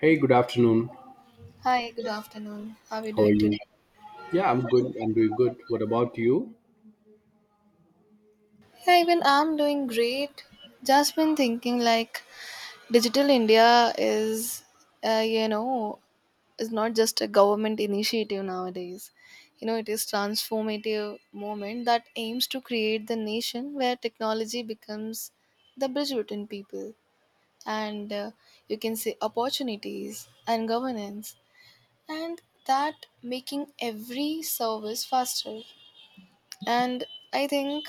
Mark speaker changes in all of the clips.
Speaker 1: Hey, good afternoon.
Speaker 2: Hi, good afternoon. How are you
Speaker 1: How are
Speaker 2: doing today?
Speaker 1: you? Yeah, I'm good. I'm doing good. What about you?
Speaker 2: Yeah, even I'm doing great. Just been thinking like Digital India is, uh, you know, is not just a government initiative nowadays. You know, it is transformative moment that aims to create the nation where technology becomes the bridge between people and you can say opportunities and governance and that making every service faster. And I think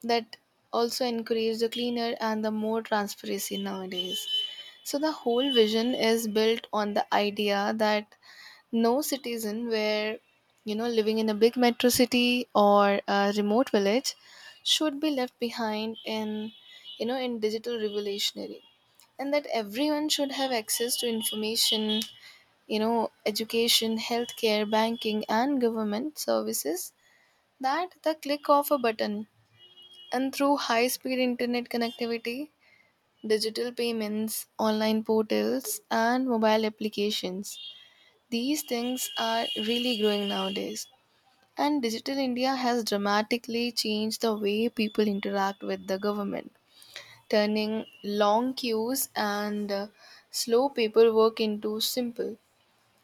Speaker 2: that also encourage the cleaner and the more transparency nowadays. So the whole vision is built on the idea that no citizen where, you know, living in a big metro city or a remote village should be left behind in, you know, in digital revolutionary, and that everyone should have access to information, you know, education, healthcare, banking, and government services, that the click of a button, and through high speed internet connectivity, digital payments, online portals, and mobile applications. These things are really growing nowadays. And Digital India has dramatically changed the way people interact with the government, turning long queues and slow paperwork into simple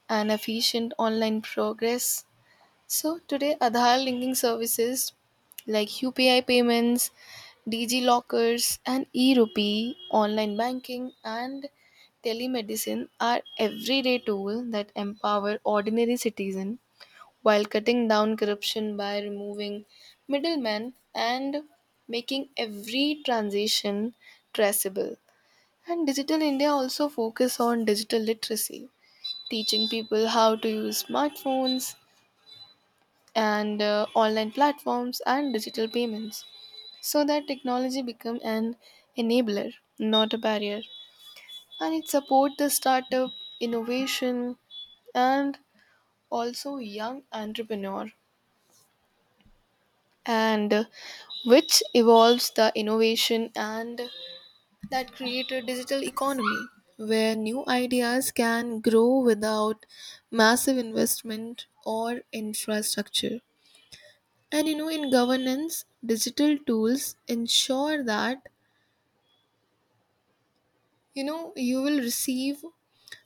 Speaker 2: and efficient online progress. So today, Aadhaar linking services like UPI payments, DG lockers, and e-rupee, online banking, and telemedicine are everyday tools that empower ordinary citizens while cutting down corruption by removing middlemen and making every transaction traceable. And Digital India also focus on digital literacy, teaching people how to use smartphones, and online platforms and digital payments so that technology become an enabler, not a barrier, and it support the startup innovation and also young entrepreneur, and which evolves the innovation and that create a digital economy where new ideas can grow without massive investment or infrastructure. And you know, in governance, digital tools ensure that, you know, you will receive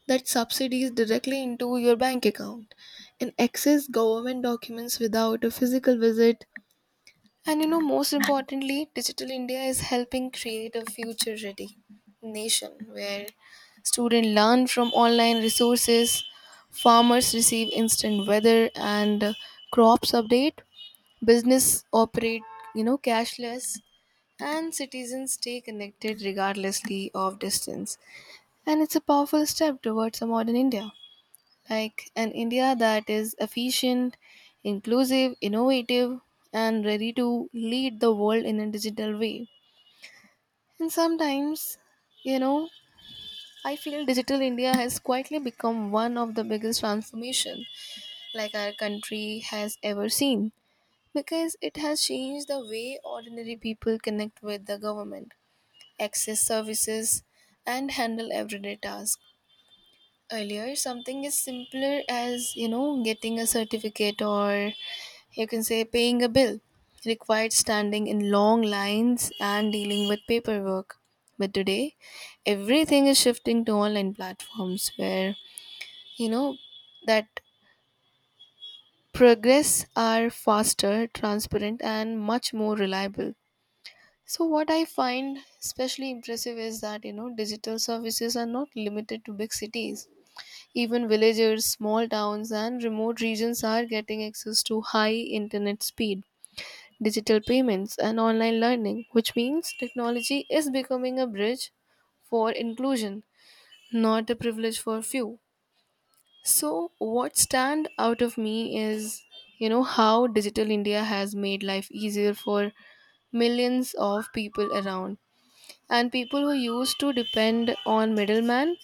Speaker 2: that subsidies directly into your bank account and access government documents without a physical visit. And you know, most importantly, Digital India is helping create a future ready nation where students learn from online resources, farmers receive instant weather and crops update, business operate, you know, cashless, and citizens stay connected regardlessly of distance. And it's a powerful step towards a modern India, like an India that is efficient, inclusive, innovative, and ready to lead the world in a digital way. And sometimes, you know, I feel digital India has quietly become one of the biggest transformation like our country has ever seen, because it has changed the way ordinary people connect with the government, access services, and handle everyday tasks. Earlier, something as simpler as, you know, getting a certificate or, you can say, paying a bill required standing in long lines and dealing with paperwork. But today, everything is shifting to online platforms where, you know, that progress are faster, transparent, and much more reliable. So what I find especially impressive is that, you know, digital services are not limited to big cities. Even villagers, small towns and remote regions are getting access to high internet speed, digital payments and online learning, which means technology is becoming a bridge for inclusion, not a privilege for few. So what stand out of me is, you know, how digital India has made life easier for millions of people around, and people who used to depend on middlemen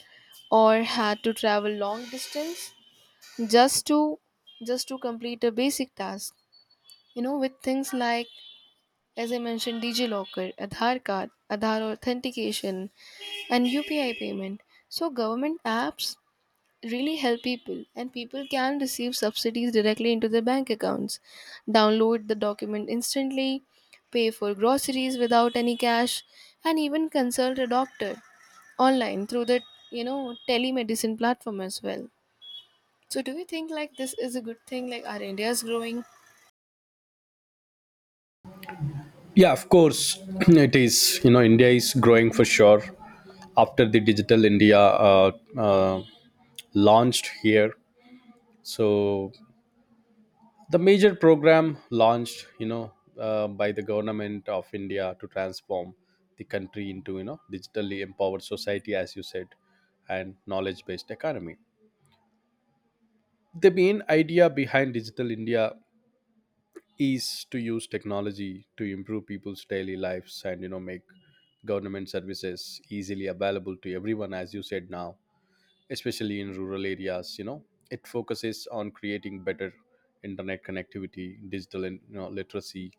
Speaker 2: or had to travel long distance just to just to complete a basic task, you know, with things like, as I mentioned, digilocker, aadhaar card, aadhaar authentication, and upi payment. So government apps really help people, and people can receive subsidies directly into their bank accounts, download the document instantly, pay for groceries without any cash, and even consult a doctor online through the, you know, telemedicine platform as well. So do you think like this is a good thing, like our india is growing?
Speaker 1: Yeah, of course, it is. You know, India is growing for sure. After the Digital India uh, launched here, so the major program launched, you know, by the government of India to transform the country into, you know, digitally empowered society, as you said, and knowledge-based economy. The main idea behind Digital India Ease to use technology to improve people's daily lives, and you know, make government services easily available to everyone, as you said. Now, especially in rural areas, you know, it focuses on creating better internet connectivity, digital, you know, literacy,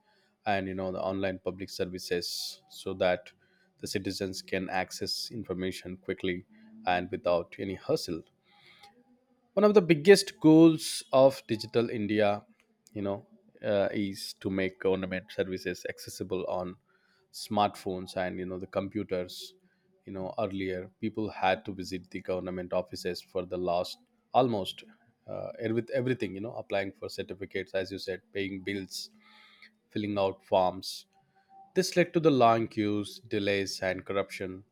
Speaker 1: and you know, the online public services, so that the citizens can access information quickly and without any hassle. One of the biggest goals of Digital India, you know, is to make government services accessible on smartphones and you know, the computers. You know, earlier people had to visit the government offices for the last almost uh, with everything, you know, applying for certificates, as you said, paying bills, filling out forms. This led to the long queues, delays, and corruption.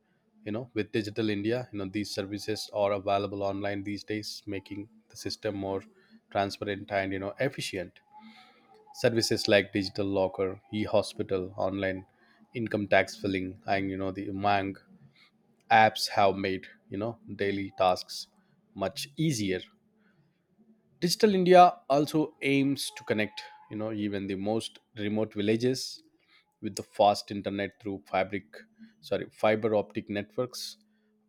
Speaker 1: You know, with Digital India, you know, these services are available online these days, making the system more transparent and you know, efficient. Services like digital locker, e-hospital, online income tax filling, and you know, the Umang apps have made you know, daily tasks much easier. Digital India also aims to connect, you know, even the most remote villages with the fast internet through fabric, sorry, fiber optic networks.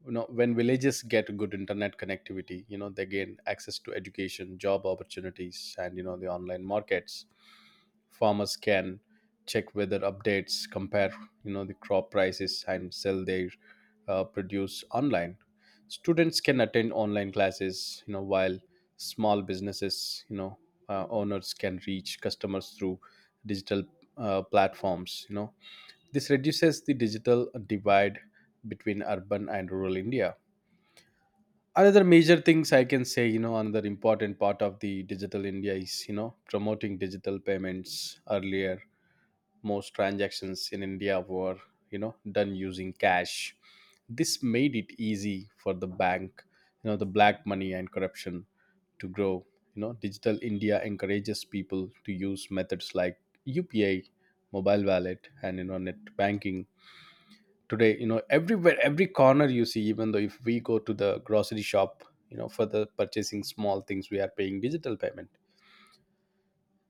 Speaker 1: You know, when villages get good internet connectivity, you know, they gain access to education, job opportunities, and you know, the online markets. Farmers can check weather updates, compare you know, the crop prices, and sell their produce online. Students can attend online classes, you know, while small businesses, you know, owners can reach customers through digital platforms, you know. This reduces the digital divide between urban and rural India. Another major things I can say, you know, another important part of the Digital India is, you know, promoting digital payments. Earlier most transactions in India were, you know, done using cash. This made it easy for the bank, you know, the black money and corruption to grow. You know, Digital India encourages people to use methods like UPI, mobile wallet, and you know, net banking. Today, you know, everywhere every corner you see, even though if we go to the grocery shop, you know, for the purchasing small things, we are paying digital payment.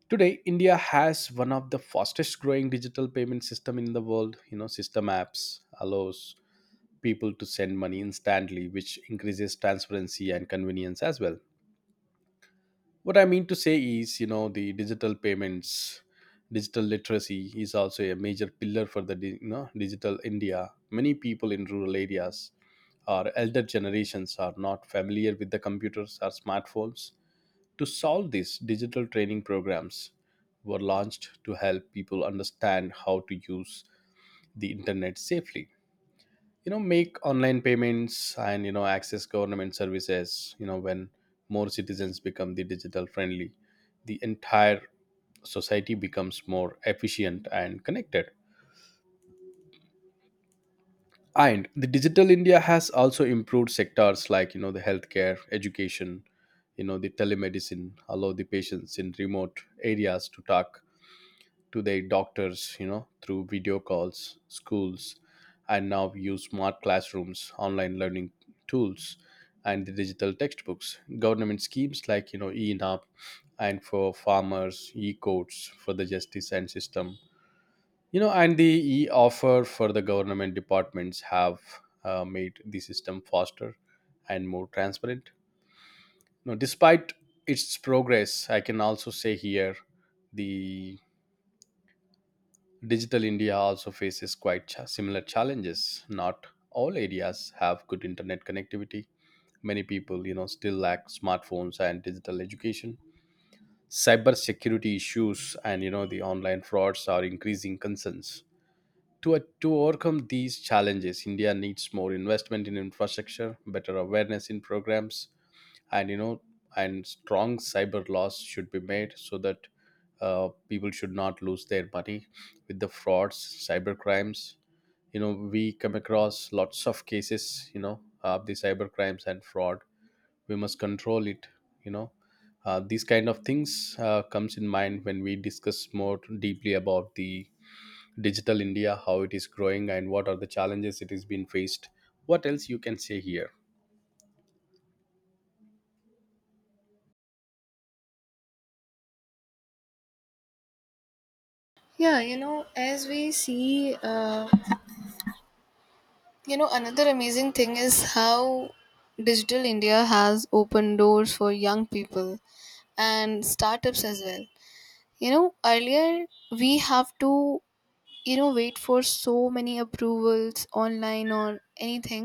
Speaker 1: Today, India has one of the fastest growing digital payment system in the world. You know, system apps allows people to send money instantly, which increases transparency and convenience as well. What I mean to say is, you know, the digital payments, digital literacy is also a major pillar for the you know, digital India. Many people in rural areas or elder generations are not familiar with the computers or smartphones. To solve this, digital training programs were launched to help people understand how to use the internet safely. You know, make online payments and you know, access government services. You know, when more citizens become the digital friendly, the entire society becomes more efficient and connected. And the Digital India has also improved sectors like you know, the healthcare, education, you know, the telemedicine, allow the patients in remote areas to talk to their doctors, you know, through video calls, schools, and now we use smart classrooms, online learning tools, and the digital textbooks. Government schemes like, you know, ENAP and for farmers, e-codes for the justice and system. You know, and the e-offer for the government departments have made the system faster and more transparent. Now, despite its progress, I can also say here the Digital India also faces quite similar challenges. Not all areas have good internet connectivity. Many people, you know, still lack smartphones and digital education. Cybersecurity issues and you know, the online frauds are increasing concerns. To overcome these challenges, India needs more investment in infrastructure, better awareness in programs, and you know, and strong cyber laws should be made so that people should not lose their money with the frauds, cyber crimes. You know, we come across lots of cases, you know, of the cyber crimes and fraud. We must control it, you know. These kind of things comes in mind when we discuss more deeply about the Digital India, how it is growing and what are the challenges it has been faced. What else you can say here?
Speaker 2: Yeah, you know, as we see, you know, another amazing thing is how digital india has opened doors for young people and startups as well. You know, earlier we have to, you know, wait for so many approvals online or anything.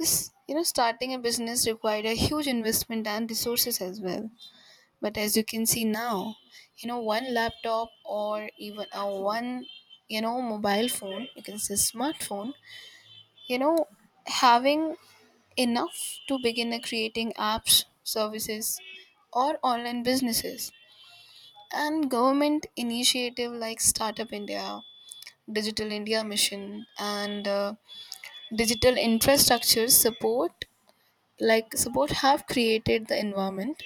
Speaker 2: This, you know, starting a business required a huge investment and resources as well. But as you can see now, you know, one laptop or even a one, you know, mobile phone, you can say smartphone, you know, having enough to begin a creating apps, services, or online businesses, and government initiative like startup india, digital india mission, and digital infrastructure support like support have created the environment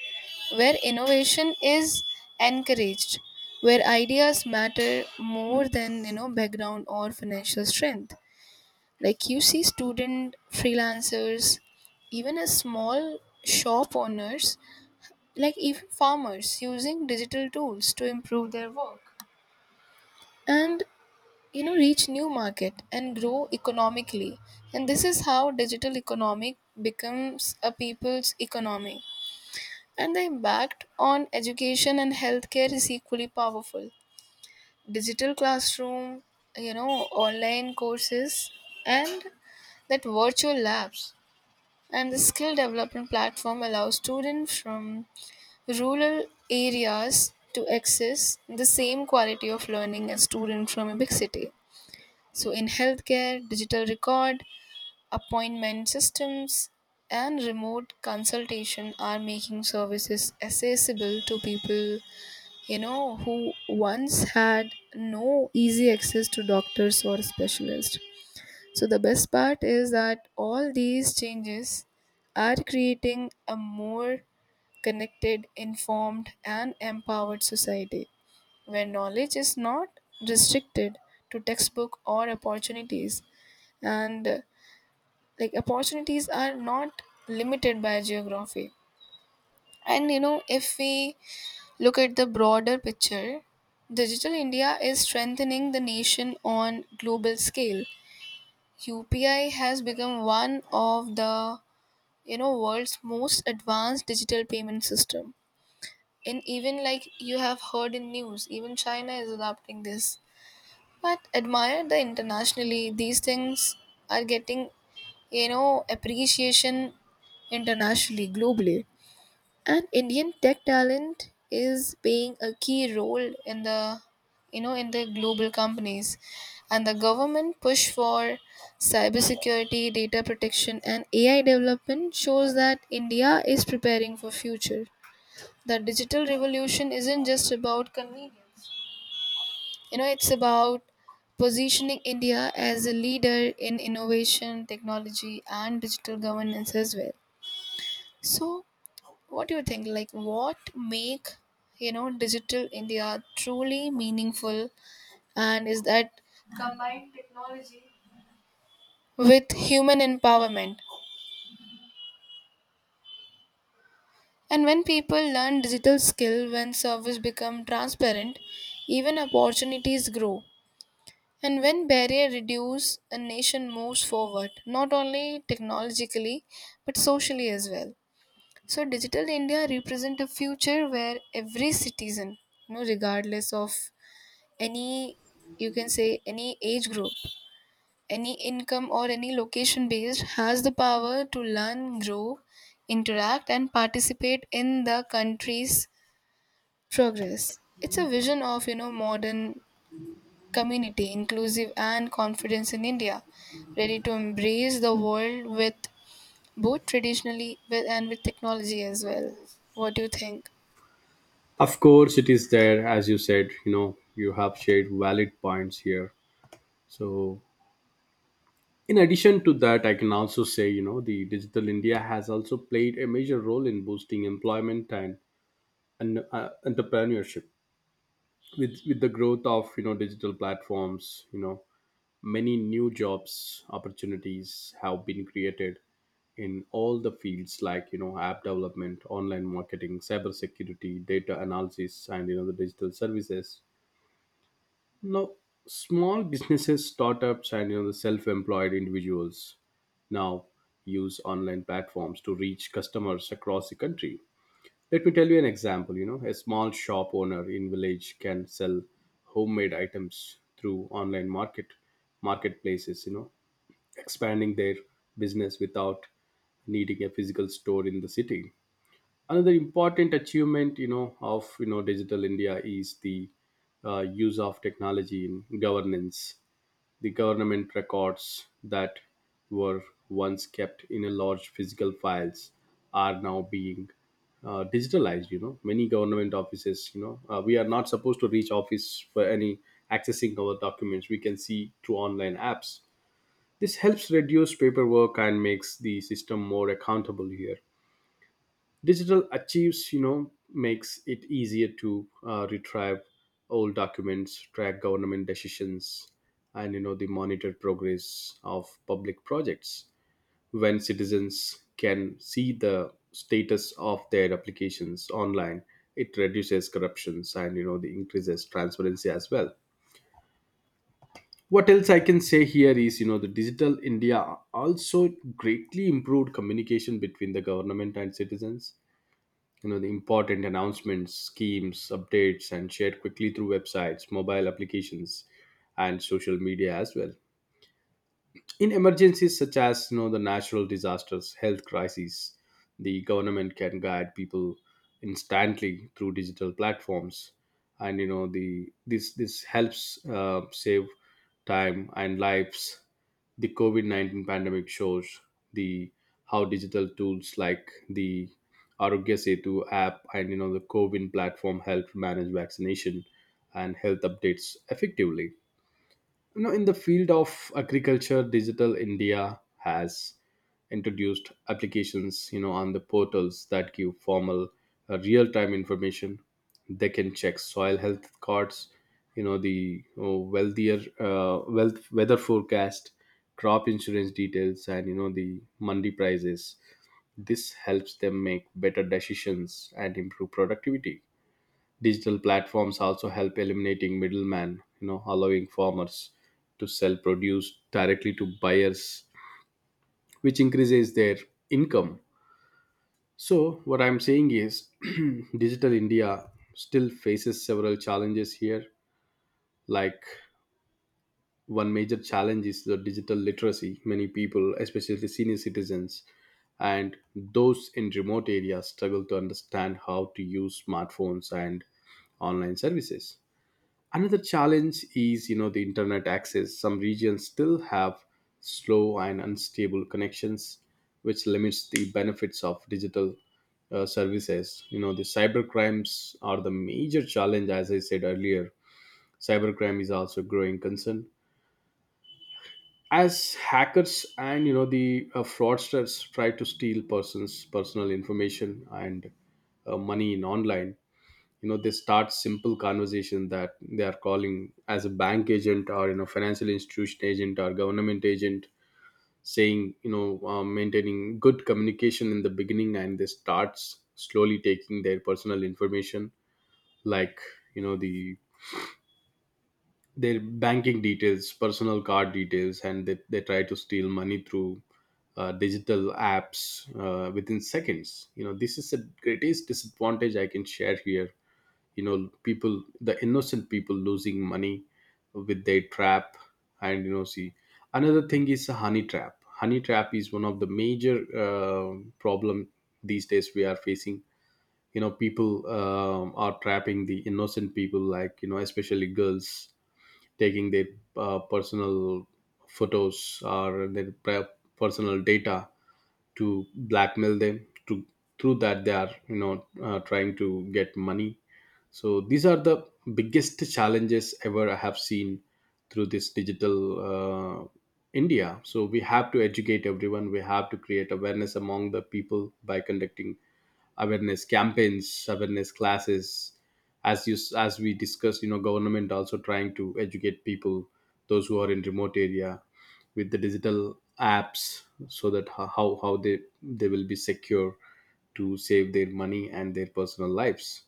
Speaker 2: where innovation is encouraged, where ideas matter more than, you know, background or financial strength, like you see student freelancers, even a small shop owners, like even farmers using digital tools to improve their work and, you know, reach new market and grow economically. And this is how digital economic becomes a people's economy, and the impact on education and healthcare is equally powerful. Digital classroom, you know, online courses, and that virtual labs and the skill development platform allows students from rural areas to access the same quality of learning as students from a big city. So, in healthcare, digital record, appointment systems, and remote consultation are making services accessible to people, you know, who once had no easy access to doctors or specialists. So, the best part is that all these changes are creating a more connected, informed, and empowered society where knowledge is not restricted to textbook or opportunities, and like opportunities are not limited by geography. And you know, if we look at the broader picture, digital india is strengthening the nation on global scale. UPI has become one of the, you know, world's most advanced digital payment system, and even like you have heard in news, even china is adopting this, but admire the internationally, these things are getting, you know, appreciation internationally, globally. And indian tech talent is playing a key role in the, you know, in the global companies. And the government push for cybersecurity, data protection and ai development shows that india is preparing for future. The digital revolution isn't just about convenience, you know, it's about positioning India as a leader in innovation, technology, and digital governance as well. So, what do you think? Like, what make, you know, digital India truly meaningful, and is that with human empowerment? And when people learn digital skill, when service become transparent, even opportunities grow. And when barrier reduce, a nation moves forward, not only technologically, but socially as well. So digital India represent a future where every citizen, you know, regardless of any, you can say, any age group, any income or any location based, has the power to learn, grow, interact and participate in the country's progress. It's a vision of, you know, modern community, inclusive and confidence in India, ready to embrace the world with both traditionally with and with technology as well. What do you think?
Speaker 1: Of course, it is there, as you said, you know, you have shared valid points here. So, in addition to that, I can also say, you know, the Digital India has also played a major role in boosting employment and, entrepreneurship. With the growth of, you know, digital platforms, you know, many new jobs opportunities have been created in all the fields like, you know, app development, online marketing, cybersecurity, data analysis, and, you know, the digital services. Now, small businesses, startups, and you know, the self-employed individuals now use online platforms to reach customers across the country. Let me tell you an example. You know, a small shop owner in village can sell homemade items through online marketplaces. You know, expanding their business without needing a physical store in the city. Another important achievement, you know, of you know, Digital India is the use of technology in governance. The government records that were once kept in a large physical files are now being digitalized. You know, many government offices, you know, we are not supposed to reach office for any accessing our documents, we can see through online apps. This helps reduce paperwork and makes the system more accountable here. Digital achieves, you know, makes it easier to retrieve old documents, track government decisions, and you know, the monitor progress of public projects. When citizens can see the status of their applications online, it reduces corruptions and you know, the increases transparency as well. What else I can say here is, you know, the Digital India also greatly improved communication between the government and citizens. You know, the important announcements, schemes updates and shared quickly through websites, mobile applications, and social media as well. In emergencies such as, you know, the natural disasters, health crises, the government can guide people instantly through digital platforms, and you know, the this helps save time and lives. The COVID 19 pandemic shows the how digital tools like the Arogya Setu app and you know, the Covin platform help manage vaccination and health updates effectively. You know, in the field of agriculture, Digital India has introduced applications, you know, on the portals that give formal real-time information. They can check soil health cards, you know, the wealth weather forecast, crop insurance details, and you know, the mandi prices. This helps them make better decisions and improve productivity. Digital platforms also help eliminating middlemen, you know, allowing farmers to sell produce directly to buyers, which increases their income. So what I'm saying is Digital India still faces several challenges here. Like one major challenge is the digital literacy. Many people, especially the senior citizens and those in remote areas, struggle to understand how to use smartphones and online services. Another challenge is, you know, the internet access. Some regions still have slow and unstable connections, which limits the benefits of digital services. You know, the cyber crimes are the major challenge, as I said earlier. Cybercrime is also a growing concern, as hackers and you know, the fraudsters try to steal persons personal information and money in online. You know, they start simple conversation that they are calling as a bank agent or you know, financial institution agent or government agent, saying you know, maintaining good communication in the beginning, and they starts slowly taking their personal information like, you know, the their banking details, personal card details, and they try to steal money through digital apps within seconds. You know, this is the greatest disadvantage I can share here. You know, people, the innocent people losing money with their trap. And you know, see, another thing is a honey trap. Honey trap is one of the major problem these days we are facing. You know, people are trapping the innocent people like, you know, especially girls, taking their personal photos or their personal data to blackmail them to through that they are, you know, trying to get money. So these are the biggest challenges ever I have seen through this digital India. So we have to educate everyone. We have to create awareness among the people by conducting awareness campaigns, awareness classes. As we discussed, you know, government also trying to educate people, those who are in remote area, with the digital apps, so that how they will be secure to save their money and their personal lives.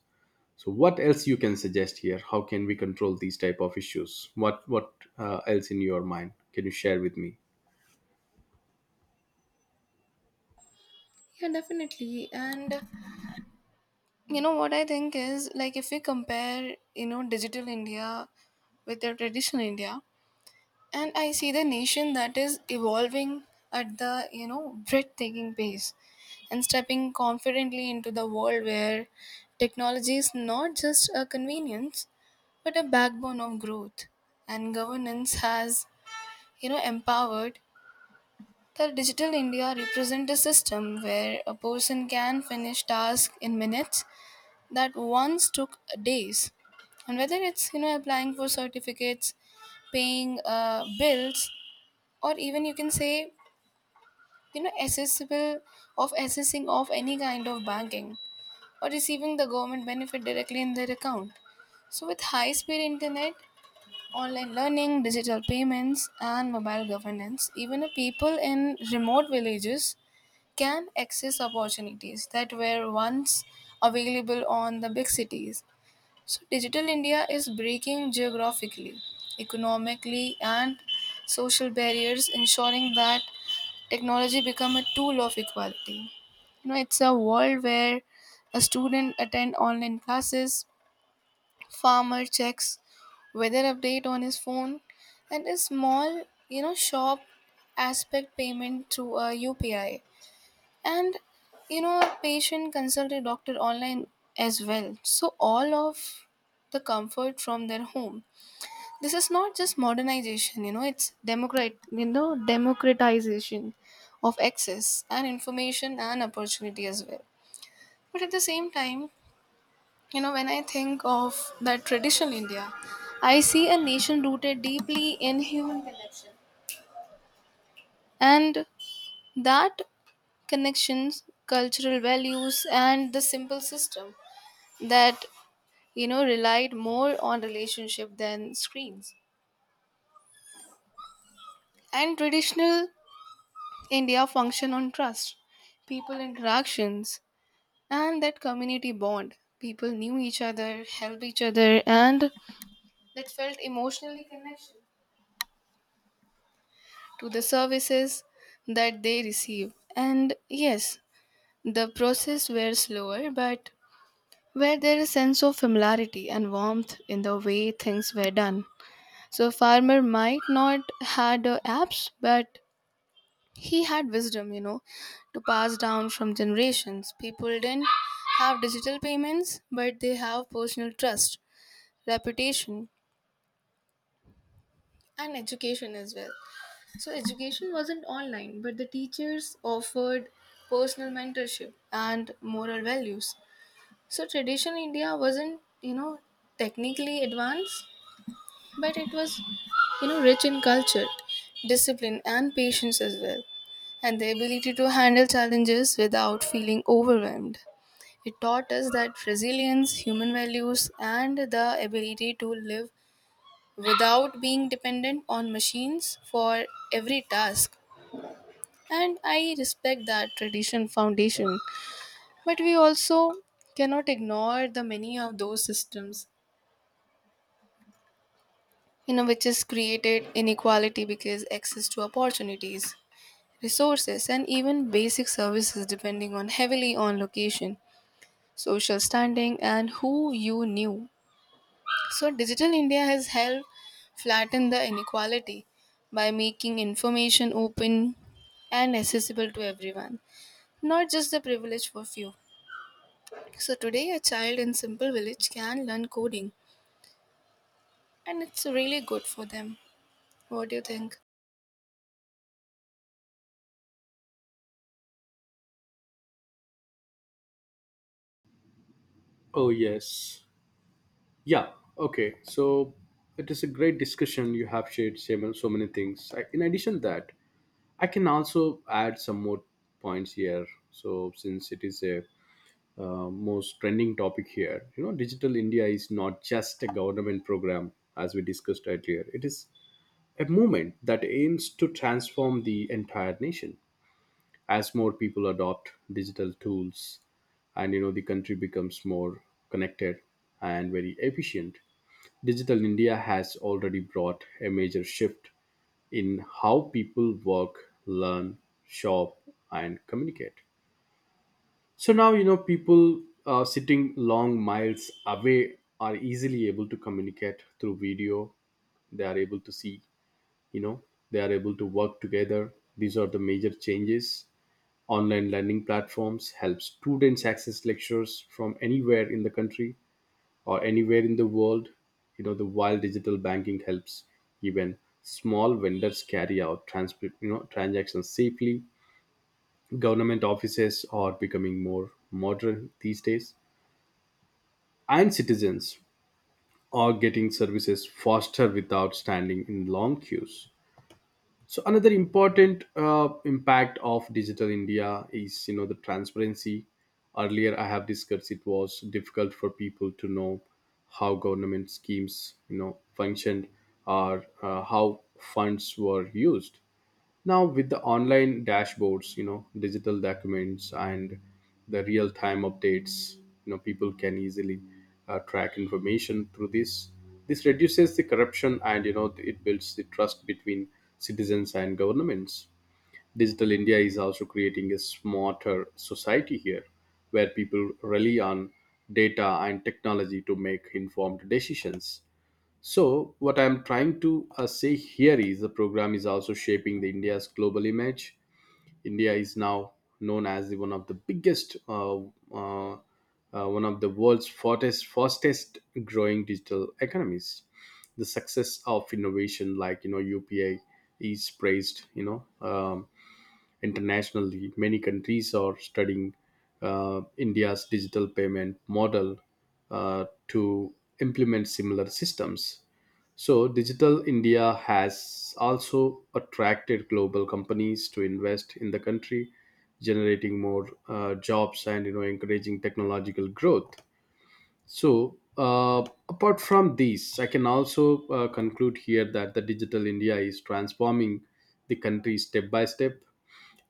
Speaker 1: So what else you can suggest here, how can we control these type of issues, what else in your mind can you share with me?
Speaker 2: Yeah, definitely. And you know what I think is like if we compare, you know, digital India with the traditional India, and I see the nation that is evolving at the, you know, breathtaking pace, and stepping confidently into the world where technology is not just a convenience but a backbone of growth and governance has, you know, empowered that digital india represents a system where a person can finish tasks in minutes that once took days, and whether it's, you know, applying for certificates, paying bills, or even, you can say, you know, accessible of accessing of any kind of banking, or receiving the government benefit directly in their account. So with high speed internet, online learning, digital payments and mobile governance, even a people in remote villages can access opportunities that were once available on the big cities. So digital india is breaking geographically, economically and social barriers, ensuring that technology become a tool of equality. You know, it's a world where a student attend online classes, farmer checks weather update on his phone, and a small, you know, shop aspect payment through a UPI. And you know, a patient consult a doctor online as well. So all of the comfort from their home. This is not just modernization, you know, it's democratization of access and information and opportunity as well. But at the same time, you know, when I think of that traditional India, I see a nation rooted deeply in human connection and that connections, cultural values and the simple system that, you know, relied more on relationship than screens. And traditional India function on trust, people interactions, and that community bond. People knew each other, helped each other, and that felt emotionally connection to the services that they receive. And yes, the process were slower, but where there is sense of familiarity and warmth in the way things were done. So farmer might not had apps, but he had wisdom, you know, to pass down from generations. People didn't have digital payments, but they have personal trust, reputation, and education as well. So, education wasn't online, but the teachers offered personal mentorship and moral values. So, traditional India wasn't, you know, technically advanced, but it was, you know, rich in culture, discipline and patience as well, and the ability to handle challenges without feeling overwhelmed. It taught us that resilience, human values and the ability to live without being dependent on machines for every task. And I respect that tradition foundation, but we also cannot ignore the many of those systems, you know, which has created inequality, because access to opportunities, resources and even basic services depending on heavily on location, social standing and who you knew. So digital india has helped flatten the inequality by making information open and accessible to everyone, not just the privileged for few. So today a child in simple village can learn coding, and it's really good for them. What do you think?
Speaker 1: Oh, yes. Yeah. Okay. So it is a great discussion, you have shared so many things. In addition that I can also add some more points here. So since it is a, most trending topic here, you know, digital india is not just a government program, as we discussed earlier. It is a movement that aims to transform the entire nation. As more people adopt digital tools, and you know, the country becomes more connected and very efficient. Digital india has already brought a major shift in how people work, learn, shop, and communicate. So now you know, people sitting long miles away are easily able to communicate through video. They are able to see, you know, they are able to work together. These are the major changes. Online learning platforms help students access lectures from anywhere in the country or anywhere in the world. You know, the while digital banking helps even small vendors carry out you know, transactions safely. Government offices are becoming more modern these days, and citizens are getting services faster without standing in long queues. So another important impact of digital India is, you know, the transparency. Earlier, I have discussed it was difficult for people to know how government schemes, you know, functioned, or how funds were used. Now with the online dashboards, you know, digital documents, and the real time updates, you know, people can easily track information through this. This reduces the corruption, and you know, it builds the trust between citizens and governments. Digital india is also creating a smarter society here, where people rely on data and technology to make informed decisions. So what I'm trying to say here is the program is also shaping the India's global image. India is now known as the, one of the biggest, uh, uh, one of the world's fastest growing digital economies. The success of innovation, like you know, UPI, is praised. Internationally, many countries are studying India's digital payment model to implement similar systems. So Digital India has also attracted global companies to invest in the country, generating more jobs, and you know, encouraging technological growth. So, apart from these, I can also conclude here that the Digital India is transforming the country step by step.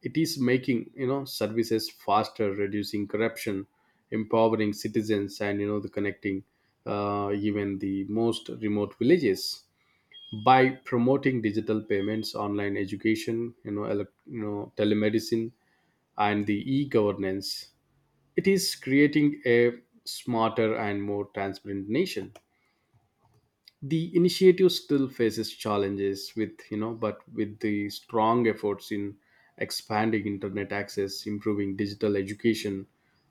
Speaker 1: It is making, you know, services faster, reducing corruption, empowering citizens, and you know, the connecting even the most remote villages. By promoting digital payments, online education, you know, elec you know, telemedicine, and the e-governance, it is creating a smarter and more transparent nation. The initiative still faces challenges with, you know, but with the strong efforts in expanding internet access, improving digital education,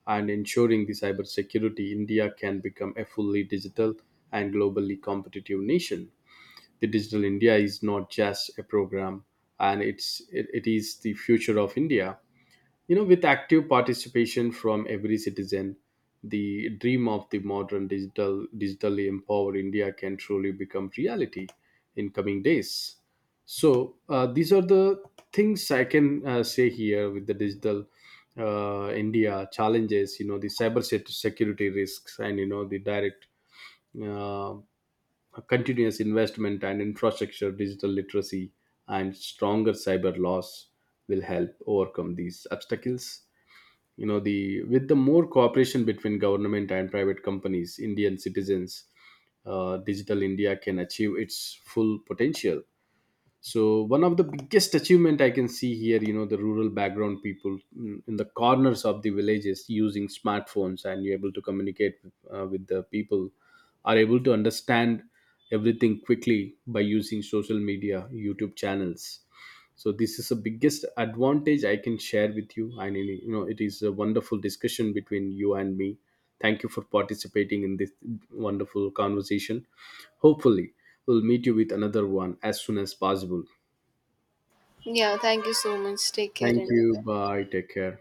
Speaker 1: and ensuring the cybersecurity, India can become a fully digital and globally competitive nation. The digital india is not just a program, and it is the future of india. You know, with active participation from every citizen, the dream of the modern digitally empowered india can truly become reality in coming days. So these are the things I can say here. With the digital india challenges, you know, the security risks, and you know, the direct uh, continuous investment and infrastructure, digital literacy, and stronger cyber laws will help overcome these obstacles. You know, the with the more cooperation between government and private companies, Indian citizens, Digital India can achieve its full potential. So one of the biggest achievement I can see here, you know, the rural background people, in the corners of the villages using smartphones and you're able to communicate with the people, are able to understand everything quickly by using social media, youtube channels. So this is the biggest advantage I can share with you. And you know, it is a wonderful discussion between you and me. Thank you for participating in this wonderful conversation. Hopefully we'll meet you with another one as soon as possible.
Speaker 2: Yeah, thank you so much, take care
Speaker 1: Thank
Speaker 2: and
Speaker 1: you. Bye. Take care.